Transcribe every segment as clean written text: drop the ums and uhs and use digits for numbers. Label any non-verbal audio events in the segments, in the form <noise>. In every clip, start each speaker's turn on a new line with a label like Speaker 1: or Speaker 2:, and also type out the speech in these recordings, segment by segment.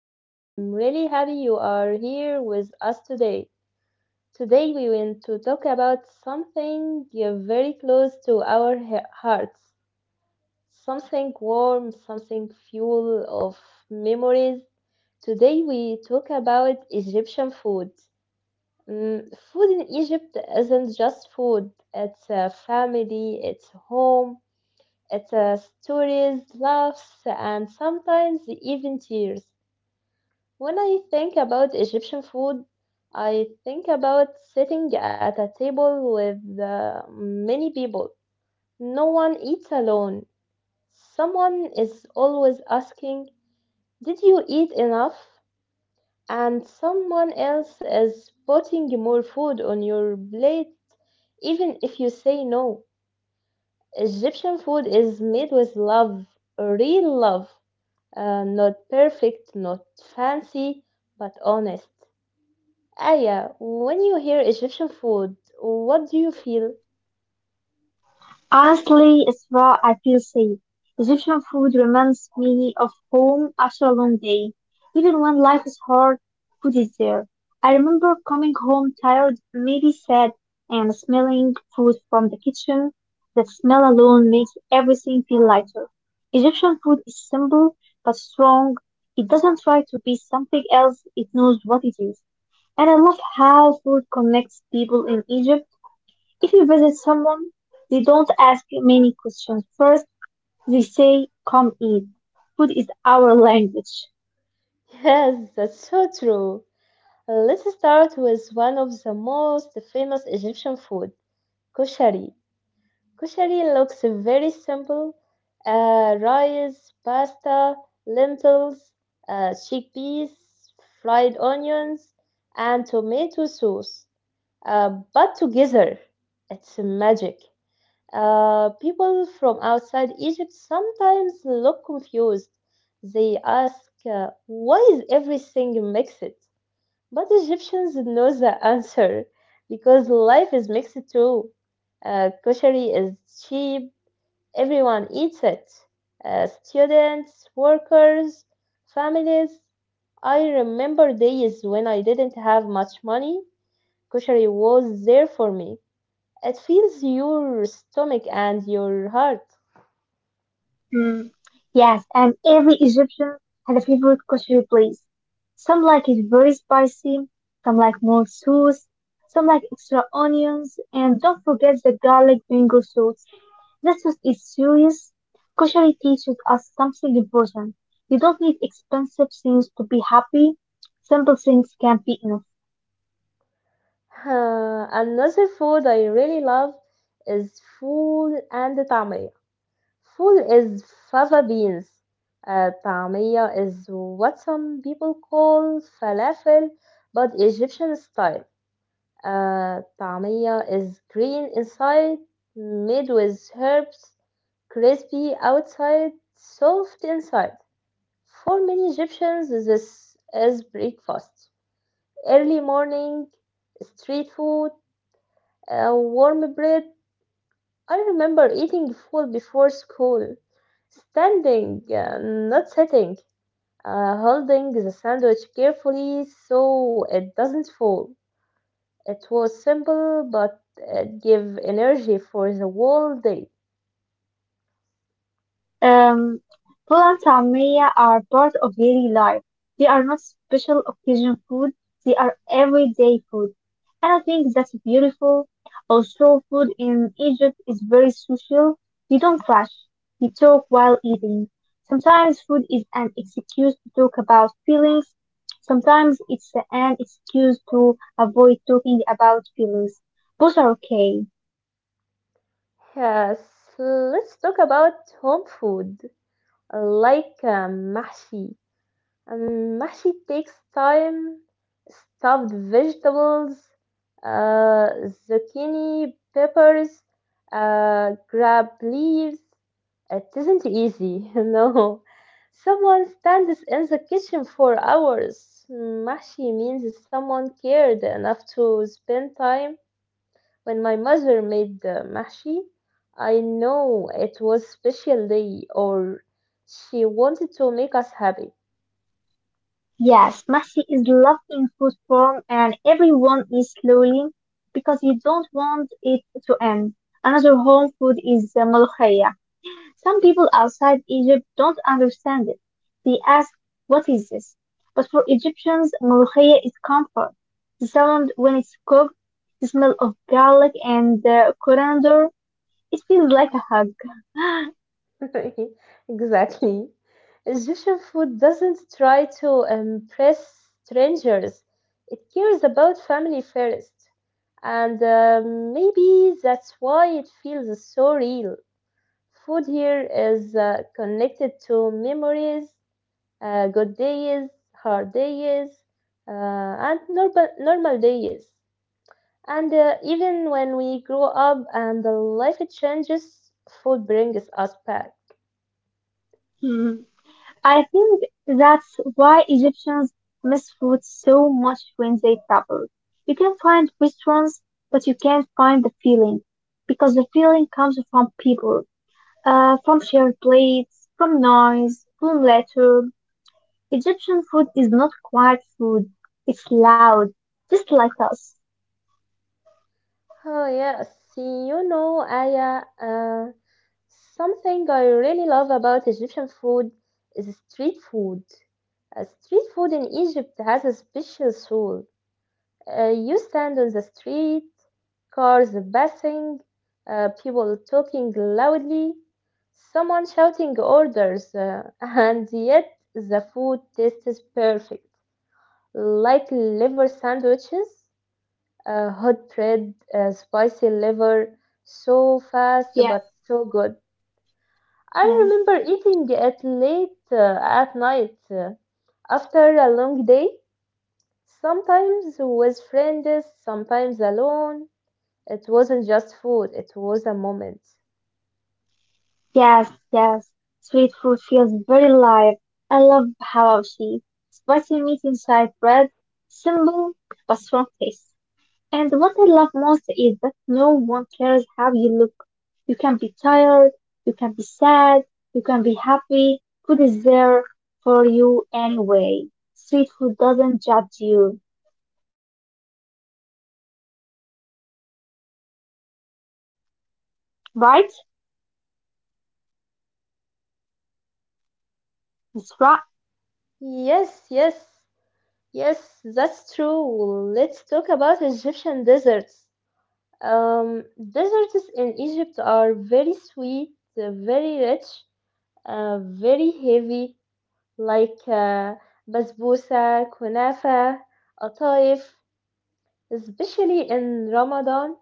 Speaker 1: and I'm really happy you are here with us today. Today we want to talk about something very close to our hearts, something warm, something full of memories. Today we talk about Egyptian food. Mm, food in Egypt isn't just food, it's a family, it's home, it's stories, laughs, and sometimes even tears. When I think about Egyptian food, I think about sitting at a table with many people. No one eats alone. Someone is always asking, did you eat enough? And someone else is putting more food on your plate, even if you say no. Egyptian food is made with love, real love, not perfect, not fancy, but honest. Aya, when you hear Egyptian food, what do you feel?
Speaker 2: Honestly, it's where I feel safe. Egyptian food reminds me of home after a long day. Even when life is hard, food is there. I remember coming home tired, maybe sad, and smelling food from the kitchen. That smell alone makes everything feel lighter. Egyptian food is simple but strong. It doesn't try to be something else, it knows what it is. And I love how food connects people in Egypt. If you visit someone, they don't ask you many questions. First, they say, come eat. Food is our language.
Speaker 1: <laughs> Yes, that's so true. Let's start with one of the most famous Egyptian food, koshari. Koshari looks very simple. Rice, pasta, lentils, chickpeas, fried onions, and tomato sauce. Uh, but together, it's magic. People from outside Egypt sometimes look confused. They ask, why is everything mixed? But Egyptians know the answer because life is mixed too. Koshery is cheap, everyone eats it. Students, workers, families. I remember days when I didn't have much money. Koshery was there for me. It fills your stomach and your heart.
Speaker 2: Mm, yes, and every Egyptian has a favorite kosher place. Some like it very spicy, some like more sauce, some like extra onions, and don't forget the garlic mango sauce. This sauce is serious. Kosher teaches us something important. You don't need expensive things to be happy. Simple things can be enough.
Speaker 1: Another food I really love is فول and tamia. فول is fava beans. طعمية is what some people call falafel, but Egyptian style. طعمية is green inside, made with herbs, crispy outside, soft inside. For many Egyptians, this is breakfast. Early morning, street food, warm bread. I remember eating food before school, standing, not sitting, holding the sandwich carefully so it doesn't fall. It was simple, but it gave energy for the whole day.
Speaker 2: Um, Full and Samia are part of daily life. They are not special occasion food. They are everyday food. And I think that's beautiful. Also, food in Egypt is very social. We don't clash. We talk while eating. Sometimes food is an excuse to talk about feelings. Sometimes it's an excuse to avoid talking about feelings. Both are okay.
Speaker 1: Yes, let's talk about home food, like mahshi. Mashi takes time. Stuffed vegetables, uh, zucchini, peppers, grab leaves. It isn't easy, <laughs> no. Someone stands in the kitchen for hours. Mashi means someone cared enough to spend time. When my mother made the mashi, I know it was special day or she wanted to make us happy.
Speaker 2: Yes, Messi is loved in food form and everyone is slowly because you don't want it to end. Another home food is the ملوخية. Some people outside Egypt don't understand it. They ask, what is this? But for Egyptians, ملوخية is comfort. The sound when it's cooked, the smell of garlic and coriander, it feels like a hug.
Speaker 1: <laughs> Exactly. Egyptian food doesn't try to impress strangers. It cares about family first. And maybe that's why it feels so real. Food here is connected to memories, good days, hard days, and normal days. And even when we grow up and the life changes, food brings us back.
Speaker 2: <gasps> <laughs> I think that's why Egyptians miss food so much when they travel. You can find restaurants, but you can't find the feeling because the feeling comes from people, from shared plates, from noise, from laughter. Egyptian food is not quiet food. It's loud, just like us.
Speaker 1: Oh, yes. You know, something I really love about Egyptian food is street food. Street food in Egypt has a special soul. You stand on the street, cars passing, people talking loudly, someone shouting orders, <laughs> and yet the food tastes perfect, like liver sandwiches hot bread, spicy liver, so fast
Speaker 2: Yes.
Speaker 1: but so good. I remember eating it late at night after a long day, sometimes with friends, sometimes alone. It wasn't just food, it was a moment.
Speaker 2: Yes, yes. Sweet food feels very live. I love hawashi, spicy meat inside bread, simple but strong taste. And what I love most is that no one cares how you look. You can be tired, you can be sad, you can be happy. Food is there for you anyway. Sweet food doesn't judge you, right? That's right.
Speaker 1: Yes, yes, yes, that's true. Let's talk about Egyptian desserts. Um, Deserts in Egypt are very sweet, very rich, very heavy, like basbousa, kunafa, ataif, especially in Ramadan.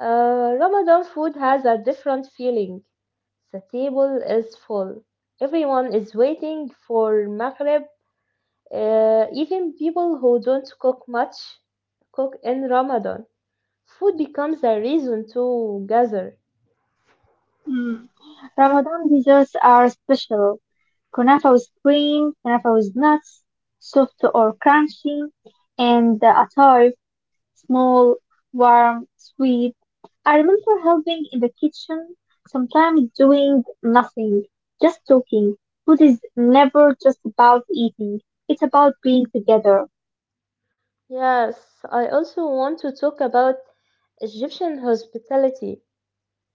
Speaker 1: Ramadan food has a different feeling. The table is full. Everyone is waiting for Maghrib. Even people who don't cook much cook in Ramadan. Food becomes a reason to gather.
Speaker 2: Mm. Ramadan desserts are special. Kunafa with cream, kunafa with nuts, soft or crunchy, and the atoy, small, warm, sweet. I remember helping in the kitchen, sometimes doing nothing, just talking. Food is never just about eating. It's about being together.
Speaker 1: Yes, I also want to talk about Egyptian hospitality.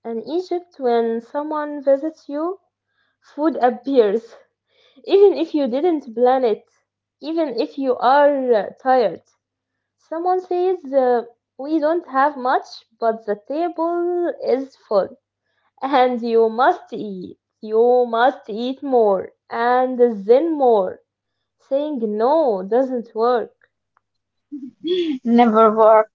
Speaker 1: In Egypt, when someone visits you, food appears, <laughs> even if you didn't plan it, even if you are tired. Someone says, we don't have much, but the table is full, and you must eat. You must eat more, and then more. Saying no doesn't work.
Speaker 2: <gasps> <laughs> Never work.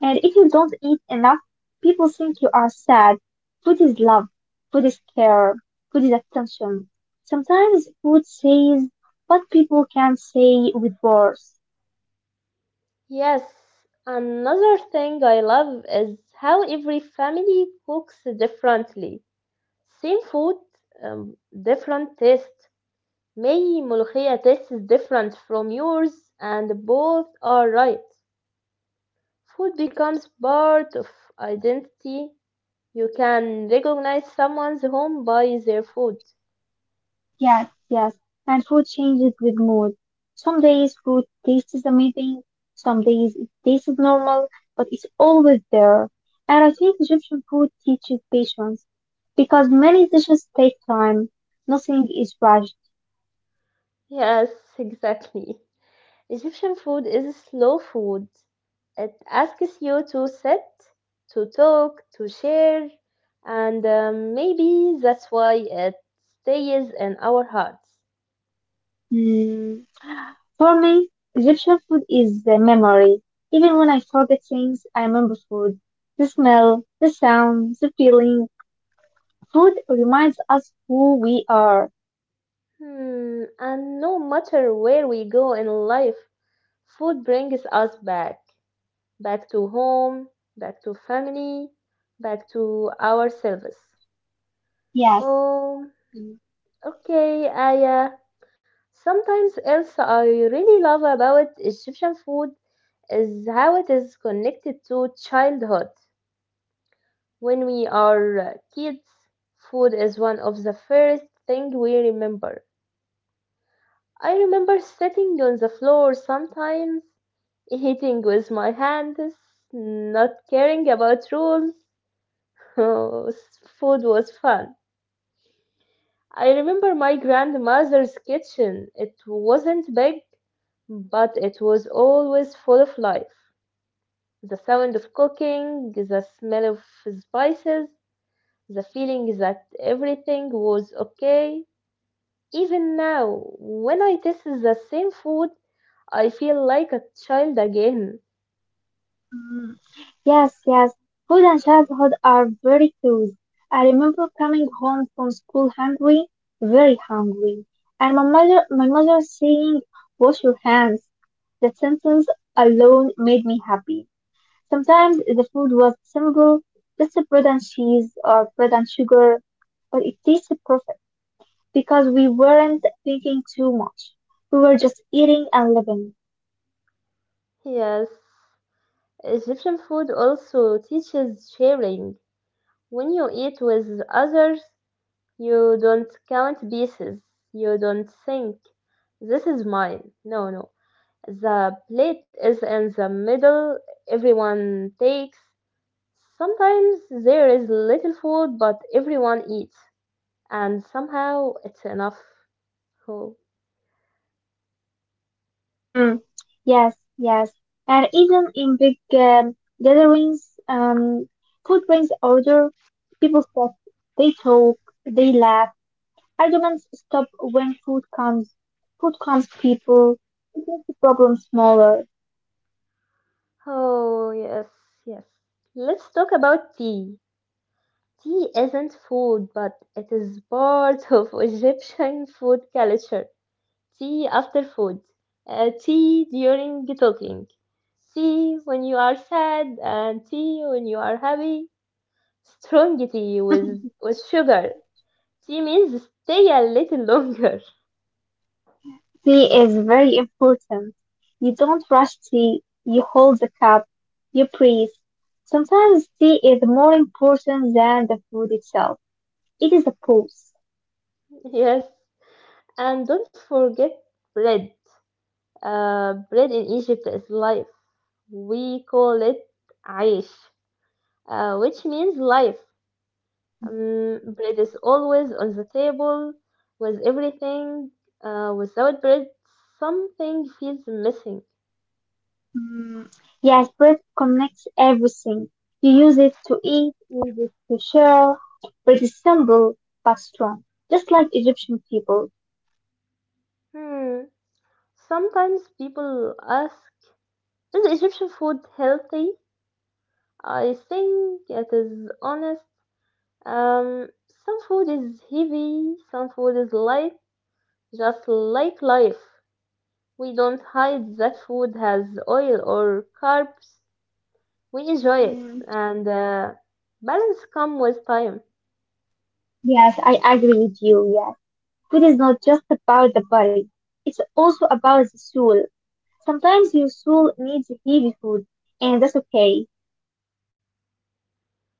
Speaker 2: And if you don't eat enough, people think you are sad. Food is love. Food is care. Food is attention. Sometimes food says what people can't say with words.
Speaker 1: Yes, another thing I love is how every family cooks differently. Same food, um, different taste. My ملوخية tastes different from yours, and both are right. Food becomes part of identity. You can recognize someone's home by their food.
Speaker 2: Yes, yes. And food changes with mood. Some days food tastes amazing. Some days it tastes normal, but it's always there. And I think Egyptian food teaches patience because many dishes take time. Nothing is rushed.
Speaker 1: Yes, <laughs> exactly. Egyptian food is slow food. It asks you to sit, to talk, to share, and maybe that's why it stays in our hearts.
Speaker 2: Hmm. For me, Egyptian food is the memory. Even when I forget things, I remember food. The smell, the sound, the feeling. Food reminds us who we are.
Speaker 1: Hmm, and no matter where we go in life, food brings us back, back to home, back to family, back to ourselves.
Speaker 2: Yes.
Speaker 1: Oh, okay, Aya. Sometimes else I really love about Egyptian food is how it is connected to childhood. When we are kids, food is one of the first thing we remember. I remember sitting on the floor sometimes, eating with my hands, not caring about rules. <laughs> Food was fun. I remember my grandmother's kitchen. It wasn't big, but it was always full of life. The sound of cooking, the smell of spices, the feeling that everything was okay. Even now, when I taste the same food, I feel like a child again.
Speaker 2: Mm. Yes, yes. Food and childhood are very close. I remember coming home from school hungry, very hungry, and my mother saying, "Wash your hands." That sentence alone made me happy. Sometimes the food was simple, just bread and cheese or bread and sugar, but it tasted perfect because we weren't thinking too much. We were just eating and living.
Speaker 1: Yes. Egyptian food also teaches sharing. When you eat with others, you don't count pieces. You don't think, this is mine. No, no. The plate is in the middle, everyone takes. Sometimes there is little food, but everyone eats, and somehow it's enough. Oh,
Speaker 2: Hmm. Yes, yes. And even in big gatherings, food brings order. People sit, they talk, they laugh. Arguments stop when food comes. Food comes people. It makes the problem smaller.
Speaker 1: oh yes, yes. Let's talk about tea. Tea isn't food, but it is part <laughs> of Egyptian food culture. Tea after food, tea during talking, tea when you are sad, and tea when you are happy. Strong tea with sugar. Tea means stay a little longer.
Speaker 2: Tea is very important. You don't rush tea, you hold the cup, you breathe. Sometimes tea is more important than the food itself. It is a pause.
Speaker 1: <laughs> Yes. And don't forget bread. Bread in Egypt is life. We call it aish, which means life. Bread is always on the table with everything. Without bread, something feels missing.
Speaker 2: Mm, yes, bread connects everything. You use it to eat, use it to share. Bread is simple but strong, just like Egyptian people.
Speaker 1: Hmm. Sometimes people ask, "Is Egyptian food healthy?" I think it is honest. Um, some food is heavy, some food is light, just like life. We don't hide that food has oil or carbs. We enjoy it,
Speaker 2: Mm,
Speaker 1: and balance come with time.
Speaker 2: yes, I agree with you. Yes, food is not just about the body; it's also about the soul. Sometimes your soul needs heavy food, and that's okay.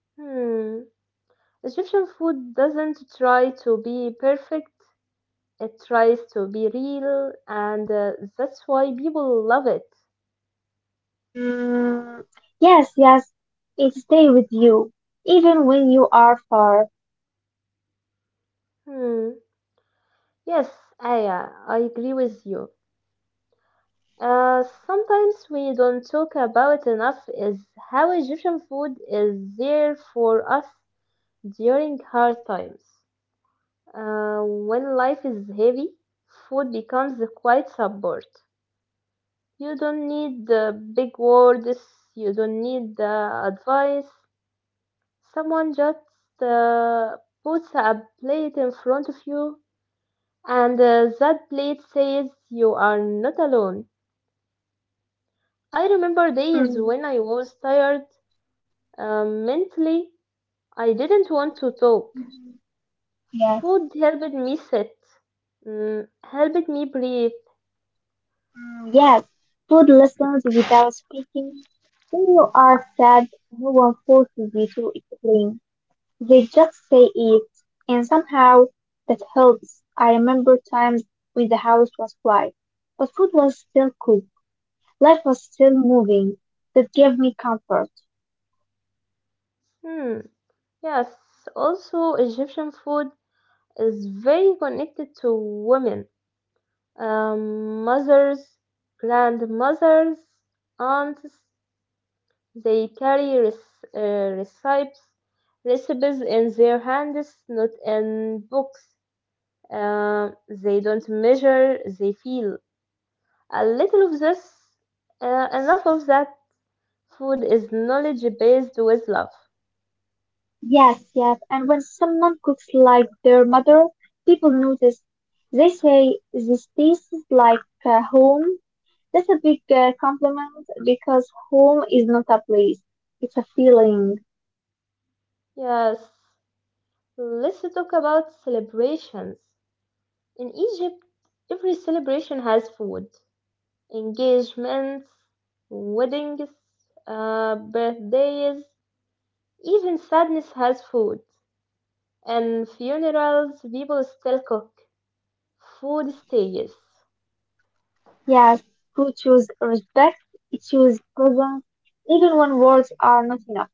Speaker 1: Hmm. Egyptian food doesn't try to be perfect, it tries to be real, and that's why people love it.
Speaker 2: Mm, yes, yes, it stays with you, even when you are far.
Speaker 1: Hmm. Yes, Aya, I agree with you. Sometimes we don't talk about enough is how Egyptian food is there for us during hard times. When life is heavy, food becomes a quiet support. You don't need the big words, you don't need the advice. Someone just uh, puts a plate in front of you, and that plate says you are not alone. I remember days
Speaker 2: Mm,
Speaker 1: when I was tired mentally. I didn't want to talk.
Speaker 2: yes,
Speaker 1: Food helped me sit, mm, helped me breathe.
Speaker 2: mm, yes. Food listens without speaking. When you are sad, no one forces you to explain. They just say it, and somehow that helps. I remember times when the house was quiet, but food was still cooked. Life was still moving. That gave me comfort.
Speaker 1: Hmm, yes, also Egyptian food is very connected to women, mothers, grandmothers, aunts. They carry recipes, recipes in their hands, not in books. They don't measure, they feel. A little of this, enough of that. Food is knowledge based with love.
Speaker 2: Yes, yes. And when someone cooks like their mother, people notice. They say this tastes like home. That's a big compliment because home is not a place. It's a feeling.
Speaker 1: Yes, let's talk about celebrations. In Egypt, every celebration has food. Engagements, weddings, birthdays, even sadness has food. And funerals, people still cook. Food stays.
Speaker 2: Yes, food shows respect. It shows presence, even when words are not enough.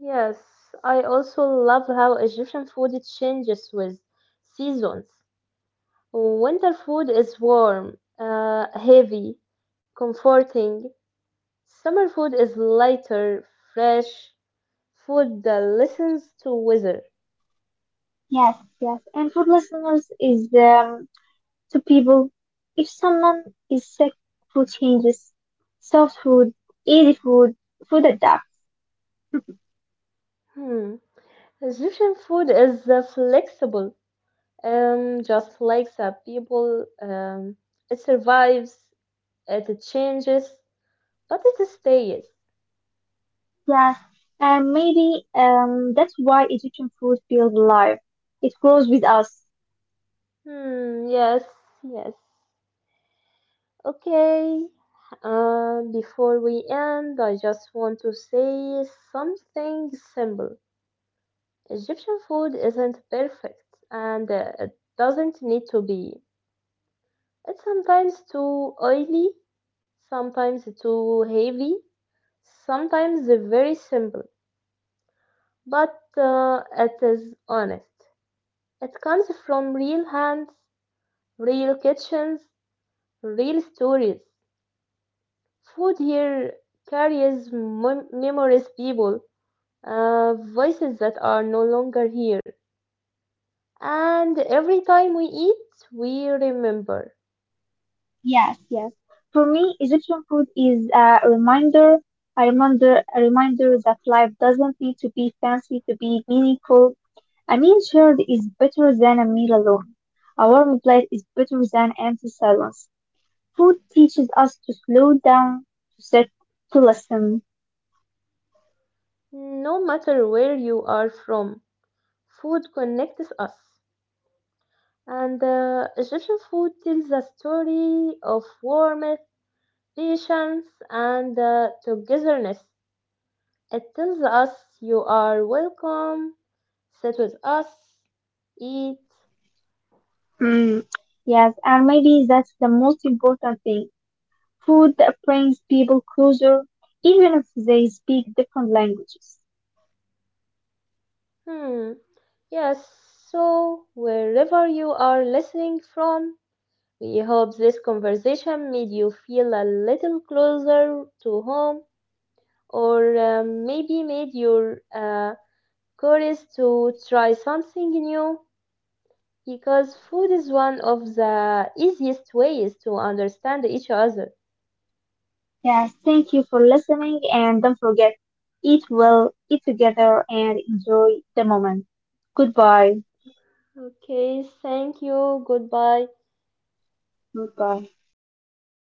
Speaker 1: Yes, I also love how Egyptian food changes with seasons. Winter food is warm, heavy, comforting. Summer food is lighter, fresh. Food that listens to weather.
Speaker 2: Yes, yes. And food listeners is to people, if someone is sick, food changes. Soft food, easy food, food adapts.
Speaker 1: Hmm. Egyptian food is flexible, just like the people. It survives, it changes, what is a stays.
Speaker 2: Yes, and maybe that's why Egyptian food feels alive. It grows with us.
Speaker 1: Hmm, yes, yes. Okay. Before we end, I just want to say something simple. Egyptian food isn't perfect, and it doesn't need to be. It's sometimes too oily, sometimes too heavy, sometimes very simple, but it is honest. It comes from real hands, real kitchens, real stories. Food here carries memories, people, voices that are no longer here. And every time we eat, we remember.
Speaker 2: Yes, yes. For me, Egyptian food is a reminder, a reminder that life doesn't need to be fancy to be meaningful. A meal shared is better than a meal alone. A warm plate is better than empty silence. Food teaches us to slow down, to sit, to listen.
Speaker 1: No matter where you are from, food connects us. And Egyptian food tells a story of warmth, patience, and togetherness. It tells us you are welcome, sit with us, eat.
Speaker 2: Mm, yes, and maybe that's the most important thing. Food that brings people closer, even if they speak different languages.
Speaker 1: Hmm. Yes, so wherever you are listening from, we hope this conversation made you feel a little closer to home or maybe made you curious to try something new because food is one of the easiest ways to understand each other.
Speaker 2: Yeah, thank you for listening and don't forget, eat well, eat together, and enjoy the moment. Goodbye.
Speaker 1: Okay, thank you. Goodbye.
Speaker 2: Goodbye.